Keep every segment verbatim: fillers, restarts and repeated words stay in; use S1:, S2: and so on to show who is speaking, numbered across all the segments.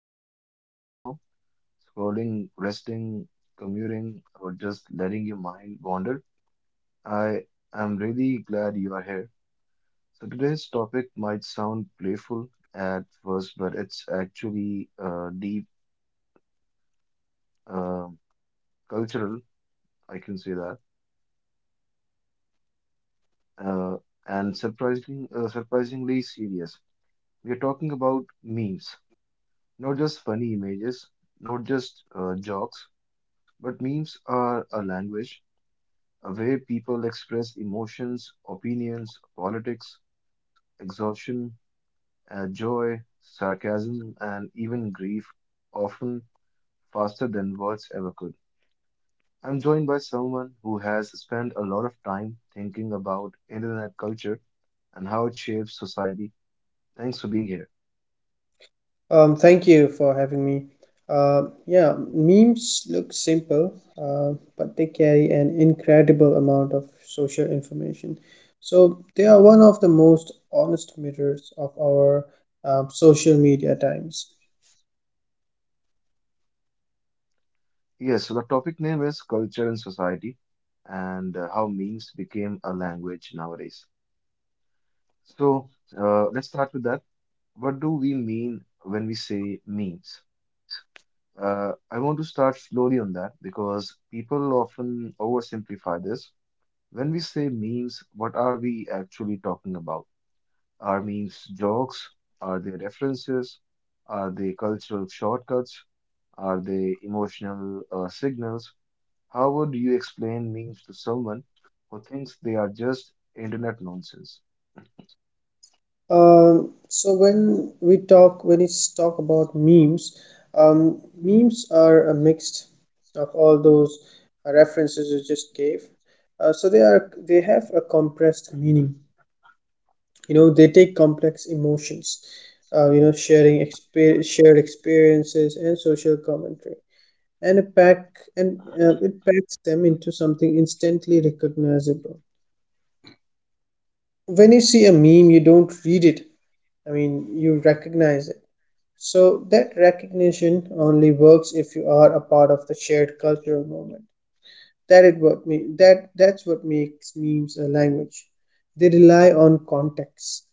S1: Wherever you're listening from, scrolling, resting, commuting, or just letting your mind wander, I am really glad you are here. So, today's topic might sound playful at first, but it's actually uh, deep, uh, cultural, I can say that, uh, and surprisingly, uh, surprisingly serious. We are talking about memes, not just funny images, not just uh, jokes. But memes are a language uh, where people express emotions, opinions, politics, exhaustion, uh, joy, sarcasm, and even grief, often faster than words ever could. I'm joined by someone who has spent a lot of time thinking about internet culture and how it shapes society. Thanks for being here.
S2: Um, thank you for having me. Uh, yeah, memes look simple, uh, but they carry an incredible amount of social information. So they are one of the most honest mirrors of our um social media times.
S1: Yes, so the topic name is Culture and Society and uh, how memes became a language nowadays. So, uh, let's start with that. What do we mean when we say memes? Uh, I want to start slowly on that because people often oversimplify this. When we say memes, what are we actually talking about? Are memes jokes? Are they references? Are they cultural shortcuts? Are they emotional uh, signals? How would you explain memes to someone who thinks they are just internet nonsense?
S2: Um, so when we talk, when it's talk about memes, um, memes are a mixed of all those uh, references you just gave. Uh, so they are they have a compressed meaning, you know. They take complex emotions, uh, you know, sharing exper- shared experiences and social commentary, and a pack and uh, it packs them into something instantly recognizable. When you see a meme you don't read it, I mean you recognize it. So that recognition only works if you are a part of the shared cultural moment. That it what me that That's what makes memes a language. They rely on context,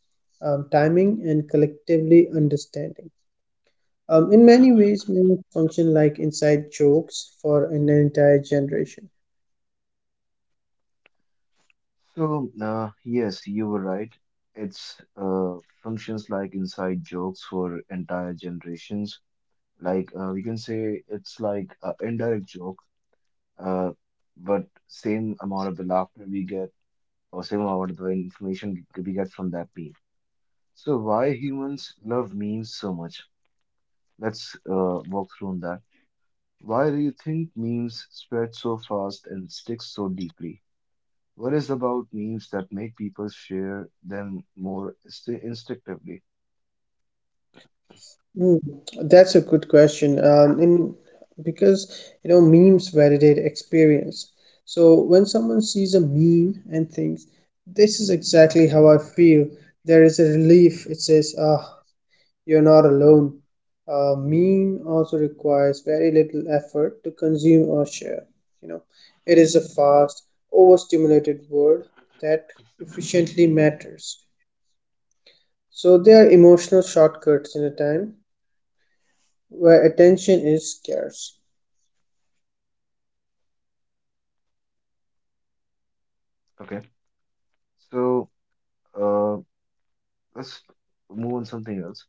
S2: um, timing, and collectively understanding. Um, in many ways, memes function like inside jokes for an entire generation.
S1: So, uh, yes, you were right. It's uh, functions like inside jokes for entire generations. Like uh, we can say it's like an indirect joke, uh, but same amount of the laughter we get or same amount of the information we get from that meme. So why humans love memes so much? Let's uh, walk through on that. Why do you think memes spread so fast and stick so deeply? What is about memes that make people share them more insti instinctively?
S2: Hmm, that's a good question. Um, in Because you know memes validate experience. So when someone sees a meme and thinks, "This is exactly how I feel," there is a relief. It says, "Ah, you're not alone." A meme also requires very little effort to consume or share. You know, it is a fast, overstimulated world that efficiently matters. So there are emotional shortcuts in a time where attention is scarce.
S1: Okay, so uh, let's move on something else.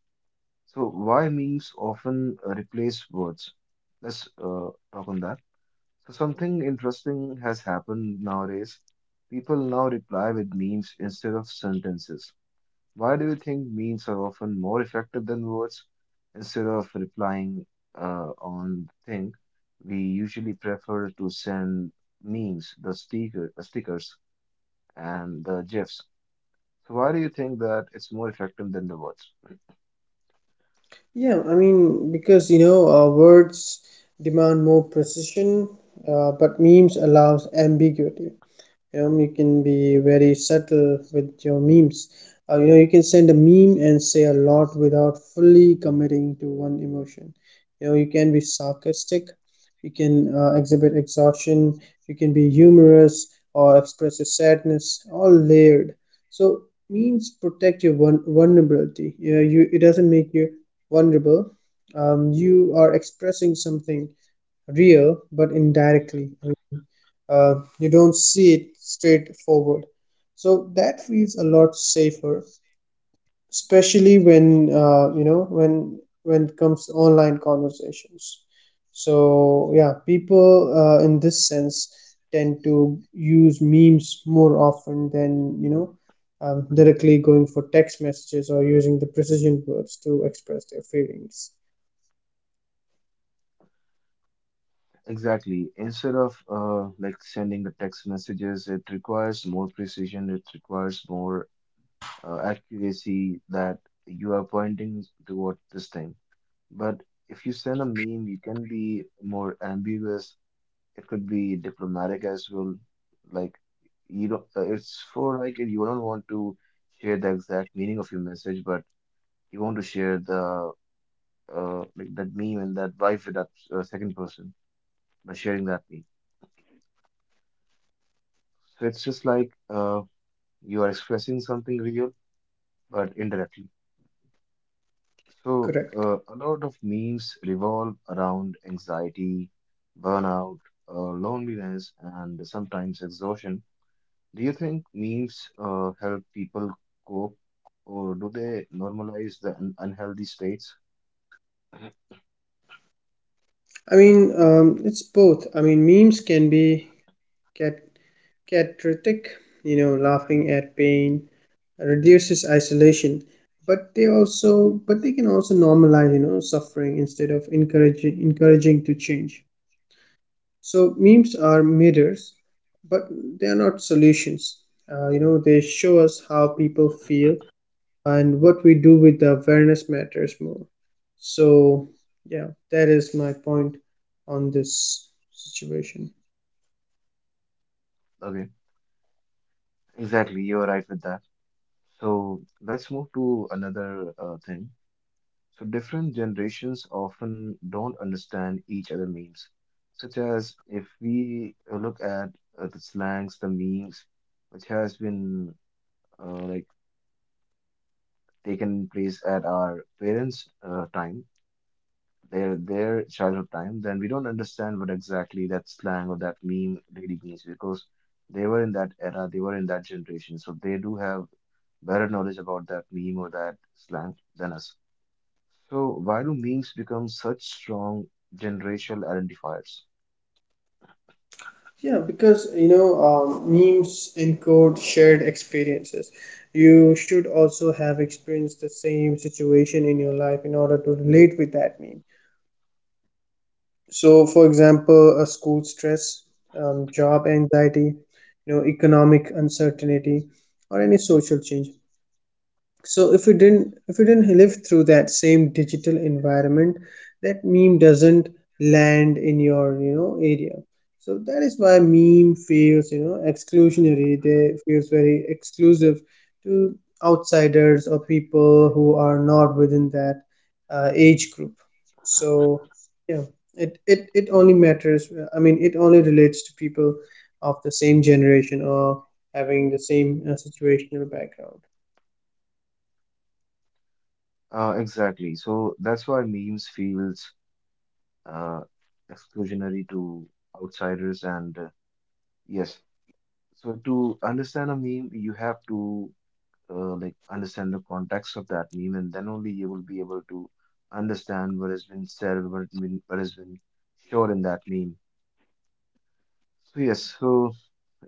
S1: So why memes often uh, replace words? Let's uh, talk on that. So something interesting has happened nowadays. People now reply with memes instead of sentences. Why do you think memes are often more effective than words? Instead of replying uh, on the thing, we usually prefer to send memes, the sticker, the stickers, and the gifs. So why do you think that it's more effective than the words?
S2: Yeah, I mean, because you know, uh, words demand more precision, uh, but memes allows ambiguity. Um, you can be very subtle with your memes. Uh, you know, you can send a meme and say a lot without fully committing to one emotion. You know, you can be sarcastic, you can uh, exhibit exhaustion, you can be humorous, or express your sadness all layered. So memes protect your vul- vulnerability. You know, you it doesn't make you vulnerable. Um, you are expressing something real but indirectly, uh, you don't see it straightforward, so that feels a lot safer, especially when, uh, you know, when when it comes to online conversations. So yeah, people, uh, in this sense, tend to use memes more often than, you know, um, directly going for text messages or using the precision words to express their feelings.
S1: Exactly. Instead of uh, like sending the text messages, it requires more precision. It requires more uh, accuracy that you are pointing toward this thing. But if you send a meme, you can be more ambiguous. It could be diplomatic as well. Like you don't, uh, it's for like you don't want to share the exact meaning of your message, but you want to share the uh like that meme and that vibe with that uh, second person by sharing that meme. So it's just like uh you are expressing something real but indirectly. So,
S2: Correct.
S1: uh, a lot of memes revolve around anxiety, burnout, uh, loneliness, and sometimes exhaustion. Do you think memes uh, help people cope, or do they normalize the un unhealthy states?
S2: I mean, um, it's both. I mean memes can be, can, cathartic, you know, laughing at pain reduces isolation, but they also but they can also normalize, you know, suffering instead of encouraging encouraging to change. So memes are mirrors, but they are not solutions. Uh, you know, they show us how people feel, and what we do with the awareness matters more. So yeah, that is my point on this situation.
S1: Okay, exactly, you're right with that. So, let's move to another uh, thing. So different generations often don't understand each other memes, such as if we look at uh, the slangs, the memes, which has been uh, like taken place at our parents' uh, time, their their childhood time, then we don't understand what exactly that slang or that meme really means because they were in that era, they were in that generation, so they do have better knowledge about that meme or that slang than us. So, why do memes become such strong generational identifiers?
S2: Yeah, because you know, um, memes encode shared experiences. You should also have experienced the same situation in your life in order to relate with that meme. So, for example, a school stress, um, job anxiety, you know, economic uncertainty, or any social change. So if you didn't if you didn't live through that same digital environment, that meme doesn't land in your, you know, area. So that is why meme feels, you know, exclusionary. They feels very exclusive to outsiders or people who are not within that uh, age group. So yeah, it, it it only matters, I mean it only relates to people of the same generation or having the same uh, situational background.
S1: Uh, exactly. So that's why memes feels uh, exclusionary to outsiders. And uh, yes, so to understand a meme, you have to uh, like understand the context of that meme, and then only you will be able to understand what has been said, what has been, what has been shown in that meme. So yes, so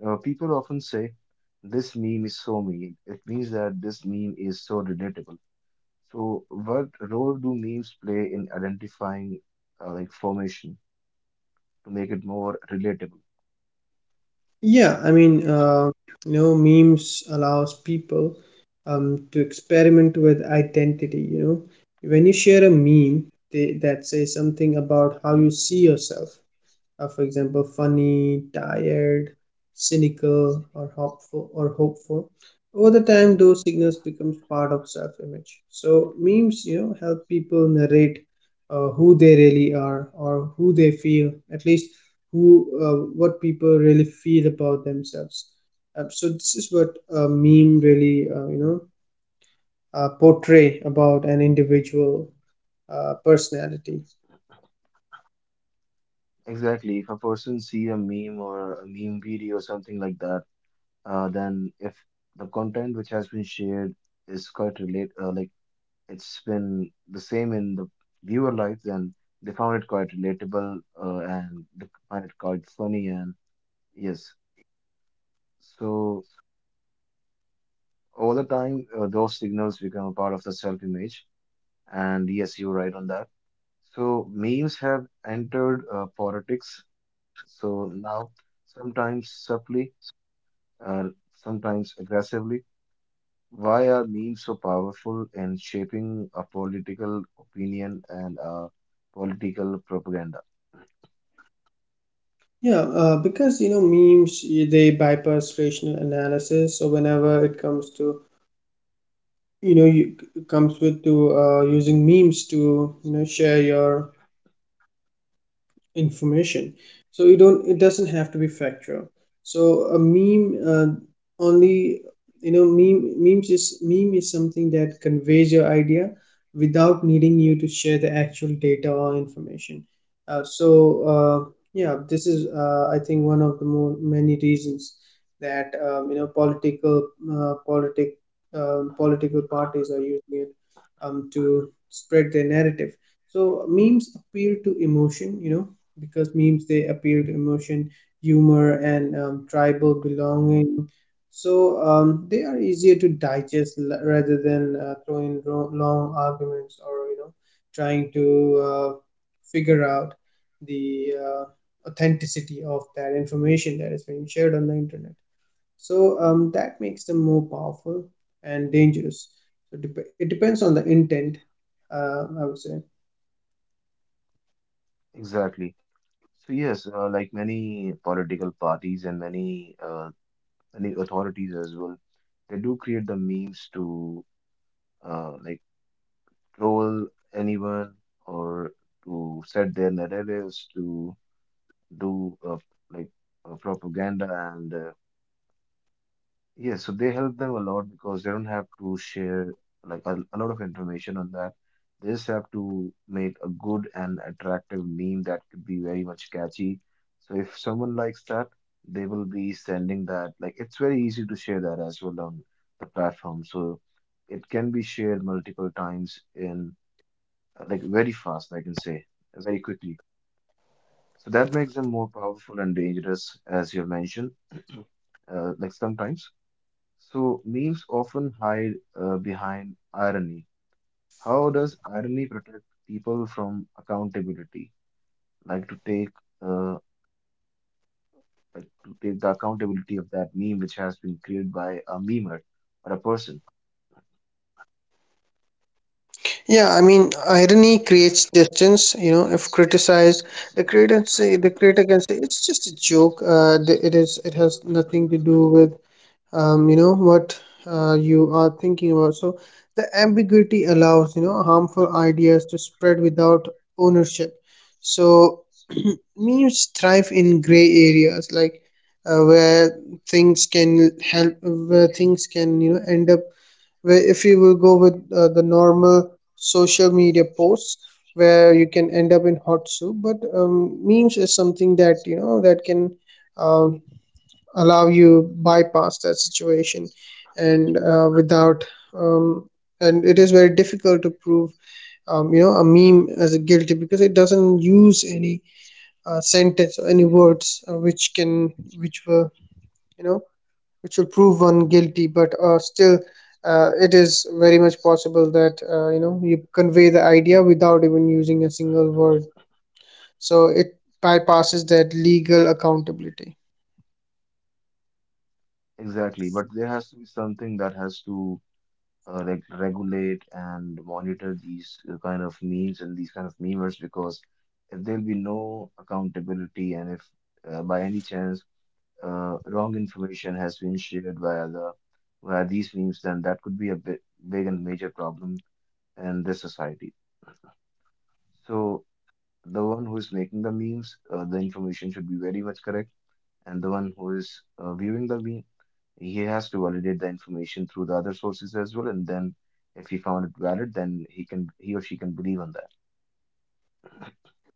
S1: Uh, people often say, "This meme is so mean." It means that this meme is so relatable. So, what role do memes play in identifying uh, like formation to make it more relatable?
S2: Yeah, I mean, uh, you know, memes allows people, um, to experiment with identity. You know, when you share a meme, they, that says something about how you see yourself, uh, for example, funny, tired, cynical, or hopeful. Or hopeful. Over the time, those signals becomes part of self-image. So memes, you know, help people narrate uh, who they really are or who they feel, at least who, uh, what people really feel about themselves. Uh, so this is what a meme really, uh, you know, uh, portray about an individual uh, personality.
S1: Exactly. If a person see a meme or a meme video or something like that, uh, then if the content which has been shared is quite relate, uh, like it's been the same in the viewer life, then they found it quite relatable uh, and they find it quite funny and yes. So over the time, uh, those signals become a part of the self-image, and yes, you're right on that. So memes have entered uh, politics. So now, sometimes subtly, uh, sometimes aggressively. Why are memes so powerful in shaping a political opinion and uh, political propaganda?
S2: Yeah, uh, because you know memes y- they bypass rational analysis. So whenever it comes to, you know, you it comes with to uh, using memes to, you know, share your information, so you don't, it doesn't have to be factual. So a meme, uh, only you know, meme memes is meme is something that conveys your idea without needing you to share the actual data or information. uh, so uh, yeah, this is, uh, I think one of the more many reasons that, um, you know, political uh, politic uh, political parties are using it, um, to spread their narrative. So memes appeal to emotion you know Because memes, they appeal to emotion, humor, and um, tribal belonging. So um, they are easier to digest, l- rather than uh, throwing ro- long arguments, or you know trying to, uh, figure out the uh, authenticity of that information that is being shared on the internet. So um, that makes them more powerful and dangerous. So dep it depends on the intent, uh, I would say.
S1: Exactly. So yes, uh, like many political parties and many uh, many authorities as well, they do create the memes to uh, like troll anyone or to set their narratives to do uh, like uh, propaganda and uh, yeah, so they help them a lot because they don't have to share like a, a lot of information on that. They just have to make a good and attractive meme that could be very much catchy, so if someone likes that, they will be sending that. Like it's very easy to share that as well on the platform, so it can be shared multiple times in uh, like very fast, I can say, uh, very quickly. So that makes them more powerful and dangerous, as you have mentioned, uh, like sometimes. So memes often hide uh, behind irony. How does irony protect people from accountability? Like to take uh, like to take the accountability of that meme which has been created by a memer or a person.
S2: Yeah, I mean, irony creates distance. You know, if criticized, the creator can say the creator can say it's just a joke. Uh, th- it is. It has nothing to do with, um, you know, what, uh, you are thinking about. So the ambiguity allows, you know, harmful ideas to spread without ownership. So memes thrive in gray areas, like, uh, where things can help, where things can, you know, end up where if you will go with, uh, the normal social media posts where you can end up in hot soup. But um, memes is something that, you know, that can, um, allow you bypass that situation, and uh, without um, and it is very difficult to prove, um, you know, a meme as a guilty, because it doesn't use any uh, sentence or any words, uh, which can, which were, you know, which will prove one guilty. But, uh, still, uh, it is very much possible that, uh, you know, you convey the idea without even using a single word. So it bypasses that legal accountability.
S1: Exactly, but there has to be something that has to uh, like regulate and monitor these uh, kind of memes and these kind of memers because if there'll be no accountability and if uh, by any chance uh, wrong information has been shared via the via these memes, then that could be a big, big and major problem in this society. So the one who is making the memes, uh, the information should be very much correct, and the one who is uh, viewing the memes, he has to validate the information through the other sources as well, and then if he found it valid, then he can, he or she can believe on that.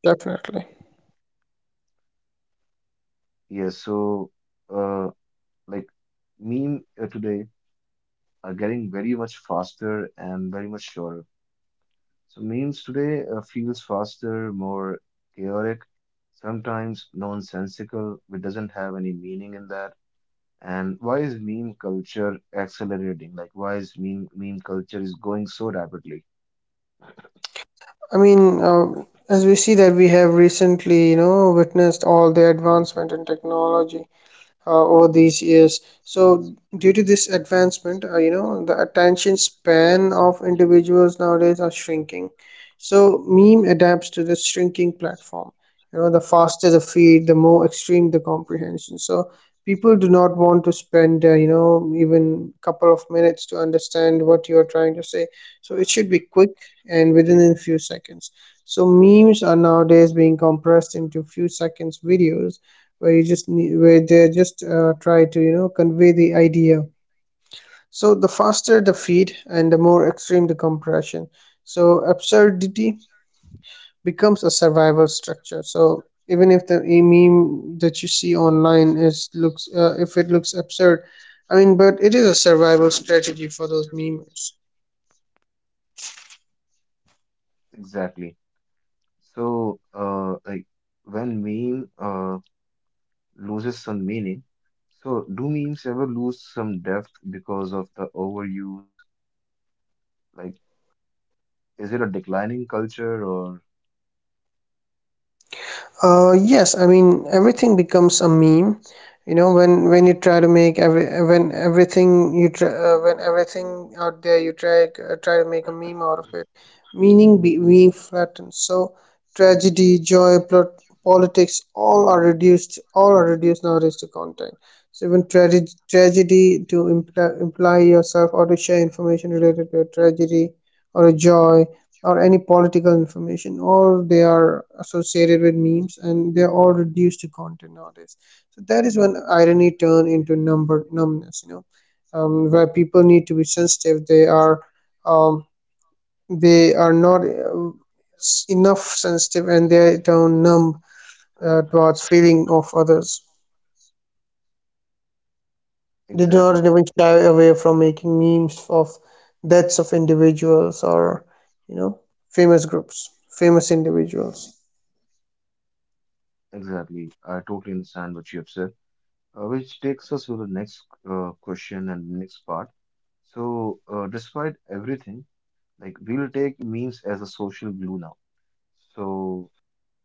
S2: Definitely.
S1: Yeah, so uh, like meme uh, today are getting very much faster and very much shorter. So memes today uh, feels faster, more chaotic, sometimes nonsensical, which doesn't have any meaning in that. And why is meme culture accelerating? Like why is meme meme culture is going so rapidly?
S2: I mean, uh, as we see that we have recently, you know, witnessed all the advancement in technology uh, over these years. So, due to this advancement, uh, you know, the attention span of individuals nowadays are shrinking. So, meme adapts to this shrinking platform. You know, the faster the feed, the more extreme the comprehension. So, people do not want to spend, uh, you know, even couple of minutes to understand what you are trying to say. So, it should be quick and within a few seconds. So, memes are nowadays being compressed into few seconds videos, where you just need, where they just, uh, try to, you know, convey the idea. So the faster the feed and the more extreme the compression, so absurdity becomes a survival structure. So even if the e-, meme that you see online is looks, uh, if it looks absurd, I mean, but it is a survival strategy for those memers.
S1: Exactly. So, uh, like when meme uh, loses some meaning, so do memes ever lose some depth because of the overuse? Like, is it a declining culture or
S2: Uh, yes, I mean everything becomes a meme. You know, when when you try to make every, when everything you try, uh, when everything out there you try uh, try to make a meme out of it, meaning be, being flattened. So tragedy, joy, plot, politics, all are reduced. All are reduced nowadays to content. So even tragedy, tragedy to imply, imply yourself or to share information related to a tragedy or a joy or any political information, or they are associated with memes, and they're all reduced to content nowadays. So that is when irony turn into number numbness, you know, um, where people need to be sensitive, they are, um, they are not, uh, s- enough sensitive, and they turn numb uh, towards feeling of others. They do not
S1: exactly?
S2: even shy away from making memes of deaths of individuals or, you know, famous groups famous individuals.
S1: Exactly. I totally understand what you have said, uh, which takes us to the next uh, question and next part. So, uh, despite everything, like we'll take memes as a social glue now. So,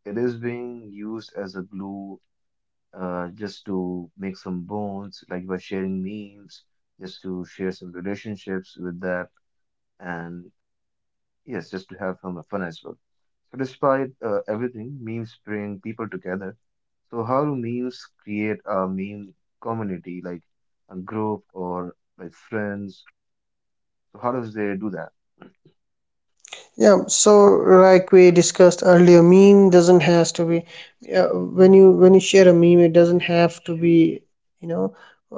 S1: it is being used as a glue uh, just to make some bonds, like by sharing memes, just to share some relationships with that, and yes, just to have some fun as well. So, despite uh, everything, memes bring people together. So, how do memes create a meme community, like a group or like friends? So, how does they do that?
S2: Yeah, so like we discussed earlier, meme doesn't has to be, uh, when you, when you share a meme, it doesn't have to be, you know,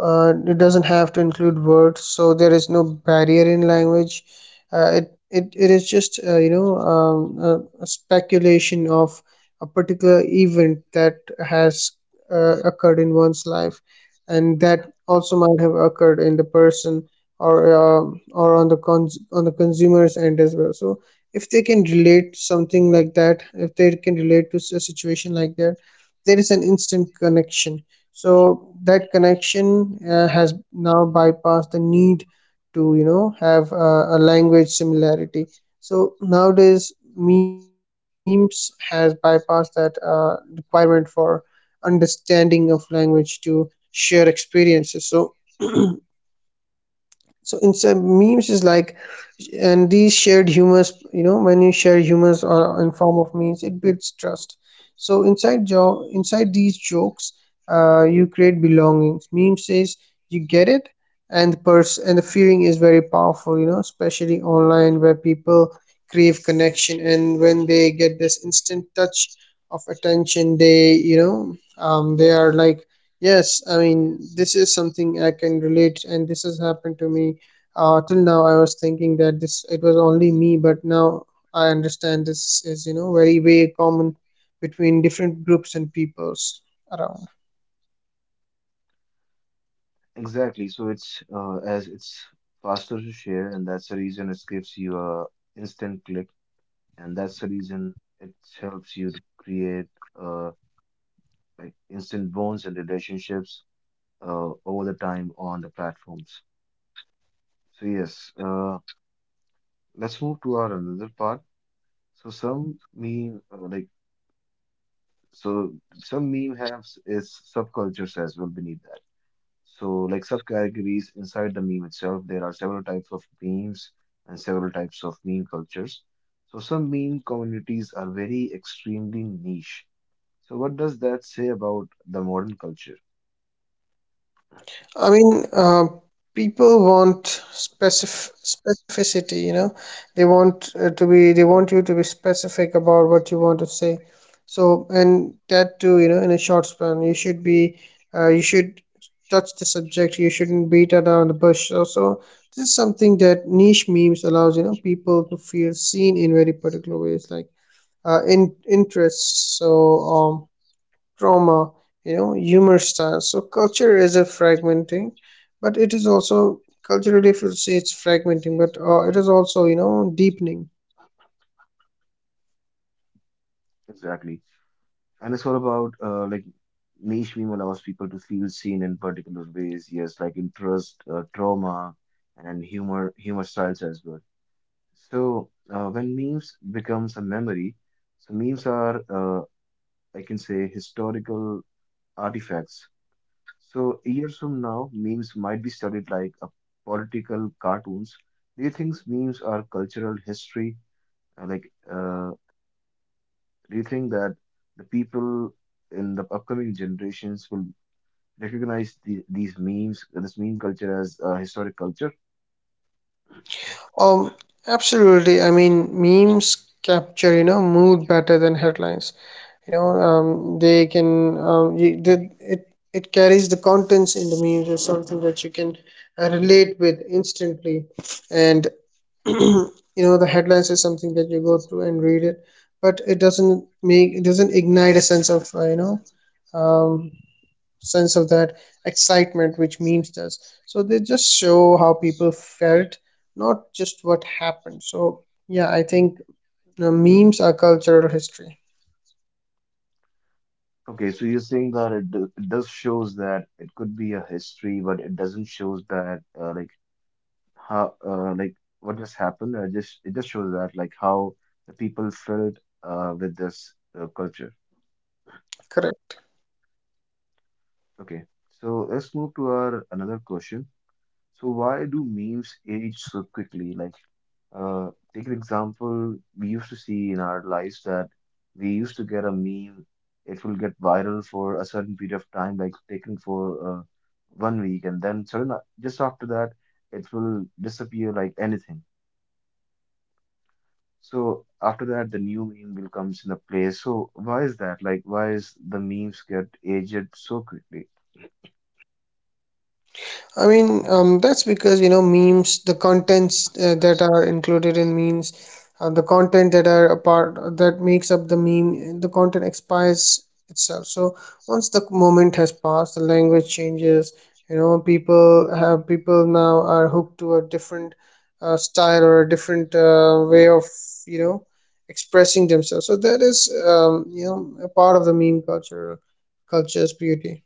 S2: uh, it doesn't have to include words. So there is no barrier in language. Uh, it it it is just, uh, you know, um, a, a speculation of a particular event that has uh, occurred in one's life, and that also might have occurred in the person or, uh, or on the cons- on the consumer's end as well. So if they can relate something like that, if they can relate to s- a situation like that, there is an instant connection. So that connection uh, has now bypassed the need to you know have a, a language similarity. So nowadays memes has bypassed that uh, requirement for understanding of language to share experiences. So so in some memes is like, and these shared humors, you know when you share humors or in form of memes, it builds trust. So inside jo- inside these jokes, uh, you create belongings. Meme says you get it, and the pers- and the feeling is very powerful, you know, especially online where people crave connection. And when they get this instant touch of attention, they, you know um, they are like, yes, I mean, this is something I can relate, and this has happened to me. Uh, till now I was thinking that this it was only me, but now I understand this is, you know, very, very common between different groups and peoples around.
S1: Exactly. So, it's uh, as it's faster to share, and that's the reason it gives you a instant click, and that's the reason it helps you to create uh, like instant bonds and relationships uh, over the time on the platforms. So yes, uh, let's move to our another part. So some meme uh, like so some meme has its subcultures as well beneath that. So like subcategories inside the meme itself, there are several types of memes and several types of meme cultures. So some meme communities are very extremely niche. So what does that say about the modern culture?
S2: I mean, uh, people want specif specificity, you know. They want uh, to be, they want you to be specific about what you want to say. So, and that too, you know, in a short span, you should be, uh, you should touch the subject. You shouldn't beat around the bush. So, so this is something that niche memes allows, you know, people to feel seen in very particular ways, like, uh, in interests. So, um, trauma, you know, humor styles. So culture is a fragmenting, but it is also culturally, if you say it's fragmenting, but uh, it is also, you know, deepening.
S1: Exactly. And it's all about uh, like niche meme allows people to feel seen in particular ways. Yes, like interest, uh, trauma, and humor humor styles as well. So uh, when memes becomes a memory, so memes are uh, I can say historical artifacts. So years from now, memes might be studied like a political cartoons. Do you think memes are cultural history? uh, like uh, do you think that the people in the upcoming generations will recognize the, these memes, this meme culture as a historic culture?
S2: Um, Absolutely. I mean, memes capture, you know, mood better than headlines. You know, um, they can, um, you, they, it, it carries the contents in the memes is something that you can uh, relate with instantly. And you know the headlines is something that you go through and read it, but it doesn't make, it doesn't ignite a sense of uh, you know um, sense of that excitement which memes does. So they just show how people felt, not just what happened. So yeah, I think uh, memes are cultural history.
S1: Okay, so you're saying that it, do- it does shows that it could be a history, but it doesn't shows that uh, like how uh, like what just happened. Uh, just it just shows that like how the people felt uh, with this uh, culture.
S2: Correct.
S1: Okay, so let's move to our another question. So why do memes age so quickly? Like Uh, take an example we used to see in our lives that we used to get a meme. It will get viral for a certain period of time, like taken for uh, one week, and then sudden just after that, it will disappear like anything. So after that, the new meme will comes into play. So why is that? Like, why is the memes get aged so quickly?
S2: I mean, um, that's because, you know, memes, the contents uh, that are included in memes, uh, the content that are a part that makes up the meme, the content expires itself. So once the moment has passed, the language changes. You know, people have people now are hooked to a different uh, style or a different uh, way of, you know, expressing themselves. So that is, um, you know, a part of the meme culture, culture's beauty.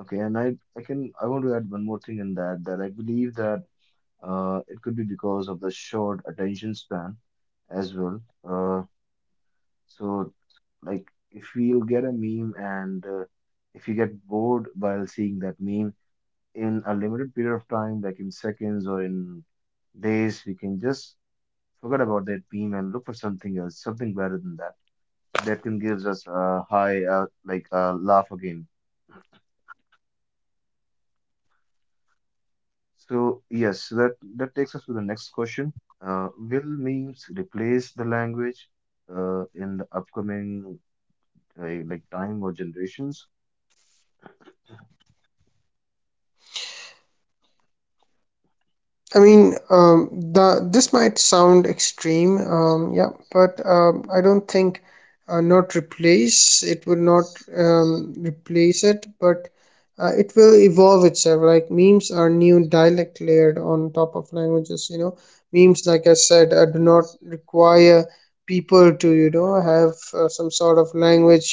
S1: Okay, and I I can I want to add one more thing in that that I believe that Uh, it could be because of the short attention span as well. Uh, so, like, if you get a meme and uh, if you get bored while seeing that meme in a limited period of time, like in seconds or in days, we can just forget about that meme and look for something else, something better than that. So that can gives us a high, uh, like a laugh again. So yes, so that that takes us to the next question. Uh, will memes replace the language uh, in the upcoming uh, like time or generations?
S2: I mean, um, the this might sound extreme, um, yeah, but um, I don't think, uh, not replace, it will not um, replace it, but uh, it will evolve itself. Like memes are new dialect layered on top of languages. You know, memes, like I said, uh, do not require people to, you know, have uh, some sort of language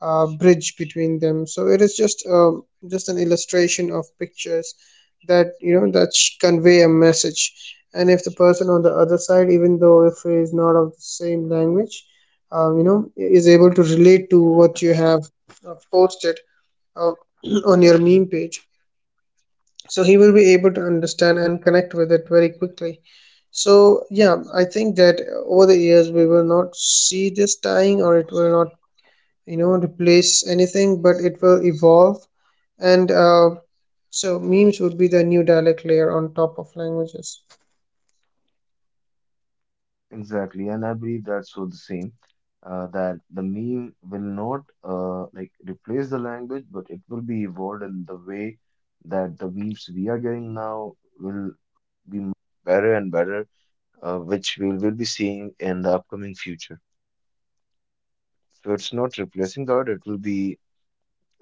S2: uh, bridge between them. So it is just um, just an illustration of pictures that, you know, that sh- convey a message. And if the person on the other side, even though if he is not of the same language, um, you know, is able to relate to what you have uh, posted uh, on your meme page, so he will be able to understand and connect with it very quickly. So yeah, I think that over the years we will not see this dying, or it will not, you know, replace anything, but it will evolve. And uh, so memes would be the new dialect layer on top of languages.
S1: Exactly, and I believe that's so the same. Uh, that the meme will not uh, like replace the language, but it will be evolved in the way that the memes we are getting now will be better and better, uh, which we will be seeing in the upcoming future. So it's not replacing the art; it will be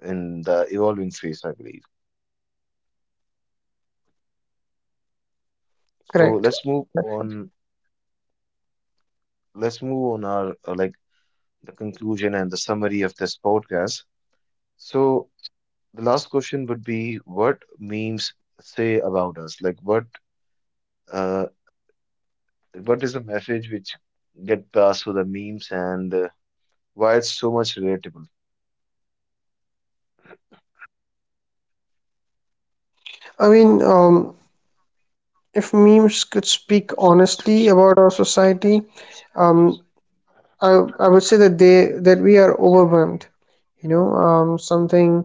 S1: in the evolving phase, I believe. So
S2: Correct.
S1: let's move on. Let's move on our uh, like the conclusion and the summary of this podcast. So the last question would be, what memes say about us? Like what uh, what is the message which get passed through the memes and uh, why it's so much relatable?
S2: I mean, um, if memes could speak honestly about our society, um, I, I would say that they that we are overwhelmed, you know, um, something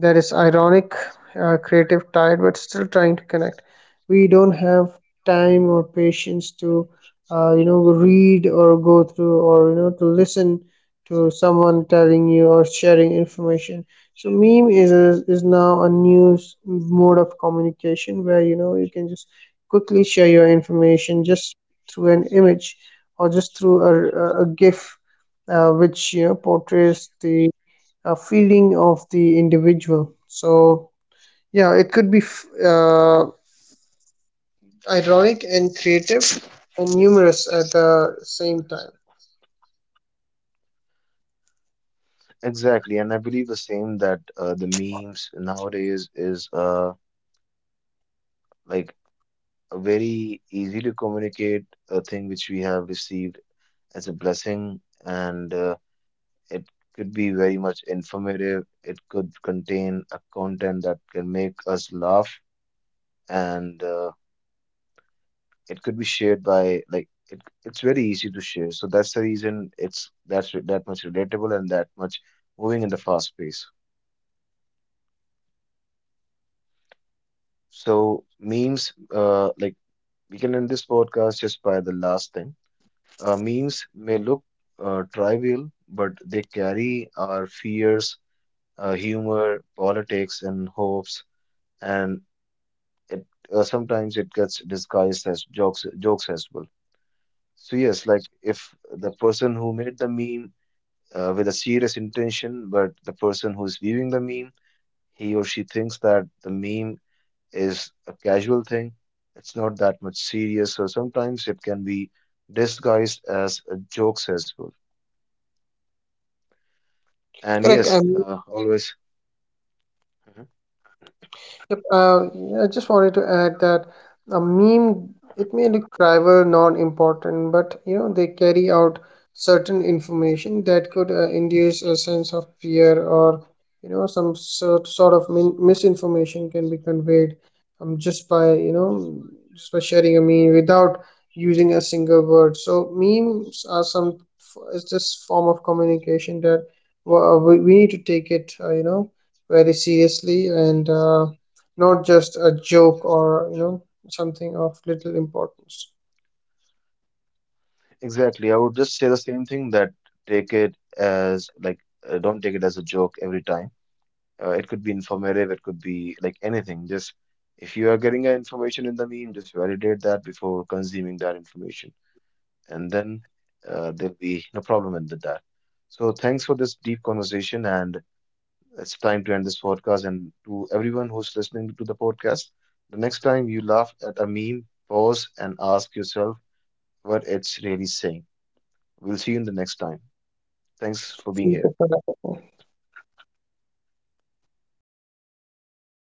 S2: that is ironic, uh, creative, tired, but still trying to connect. We don't have time or patience to uh, you know, read or go through, or you know, to listen to someone telling you or sharing information. So meme is a, is now a new s- mode of communication where, you know, you can just quickly share your information just through an image or just through a, a GIF, uh, which, you know, portrays the uh, feeling of the individual. So yeah, it could be f- uh, ironic and creative and humorous at the same time.
S1: Exactly, and I believe the same that uh, the memes nowadays is uh like a very easy to communicate a thing which we have received as a blessing, and uh, it could be very much informative. It could contain a content that can make us laugh, and uh, it could be shared by like it, it's very easy to share. So that's the reason it's that's re- that much relatable and that much moving in the fast pace. So memes, uh, like we can end this podcast just by the last thing. Uh, memes may look uh, trivial, but they carry our fears, uh, humor, politics, and hopes, and it uh, sometimes it gets disguised as jokes jokes as well. So yes, like if the person who made the meme uh, with a serious intention, but the person who's viewing the meme, he or she thinks that the meme is a casual thing. It's not that much serious, so sometimes it can be disguised as uh, jokes as well. And
S2: Correct.
S1: yes,
S2: I
S1: uh, always.
S2: Yep. uh, I just wanted to add that a meme, it may look trivial, non-important, but you know they carry out certain information that could uh, induce a sense of fear, or you know, some sort sort of min misinformation can be conveyed um, just by, you know, just by sharing a meme without using a single word. So memes are some, it's this form of communication that uh, we we need to take it, uh, you know, very seriously, and uh, not just a joke or, you know, something of little importance.
S1: Exactly. I would just say the same thing that take it as like uh, don't take it as a joke every time. Uh, it could be informative, it could be like anything. Just if you are getting uh, information in the meme, just validate that before consuming that information, and then uh, there'll be no problem with that. So thanks for this deep conversation, and it's time to end this podcast. And to everyone who's listening to the podcast, the next time you laugh at a meme, pause and ask yourself what it's really saying. We'll see you in the next time. Thanks for being
S2: ठीक
S1: here.
S2: है, पता है, पता है।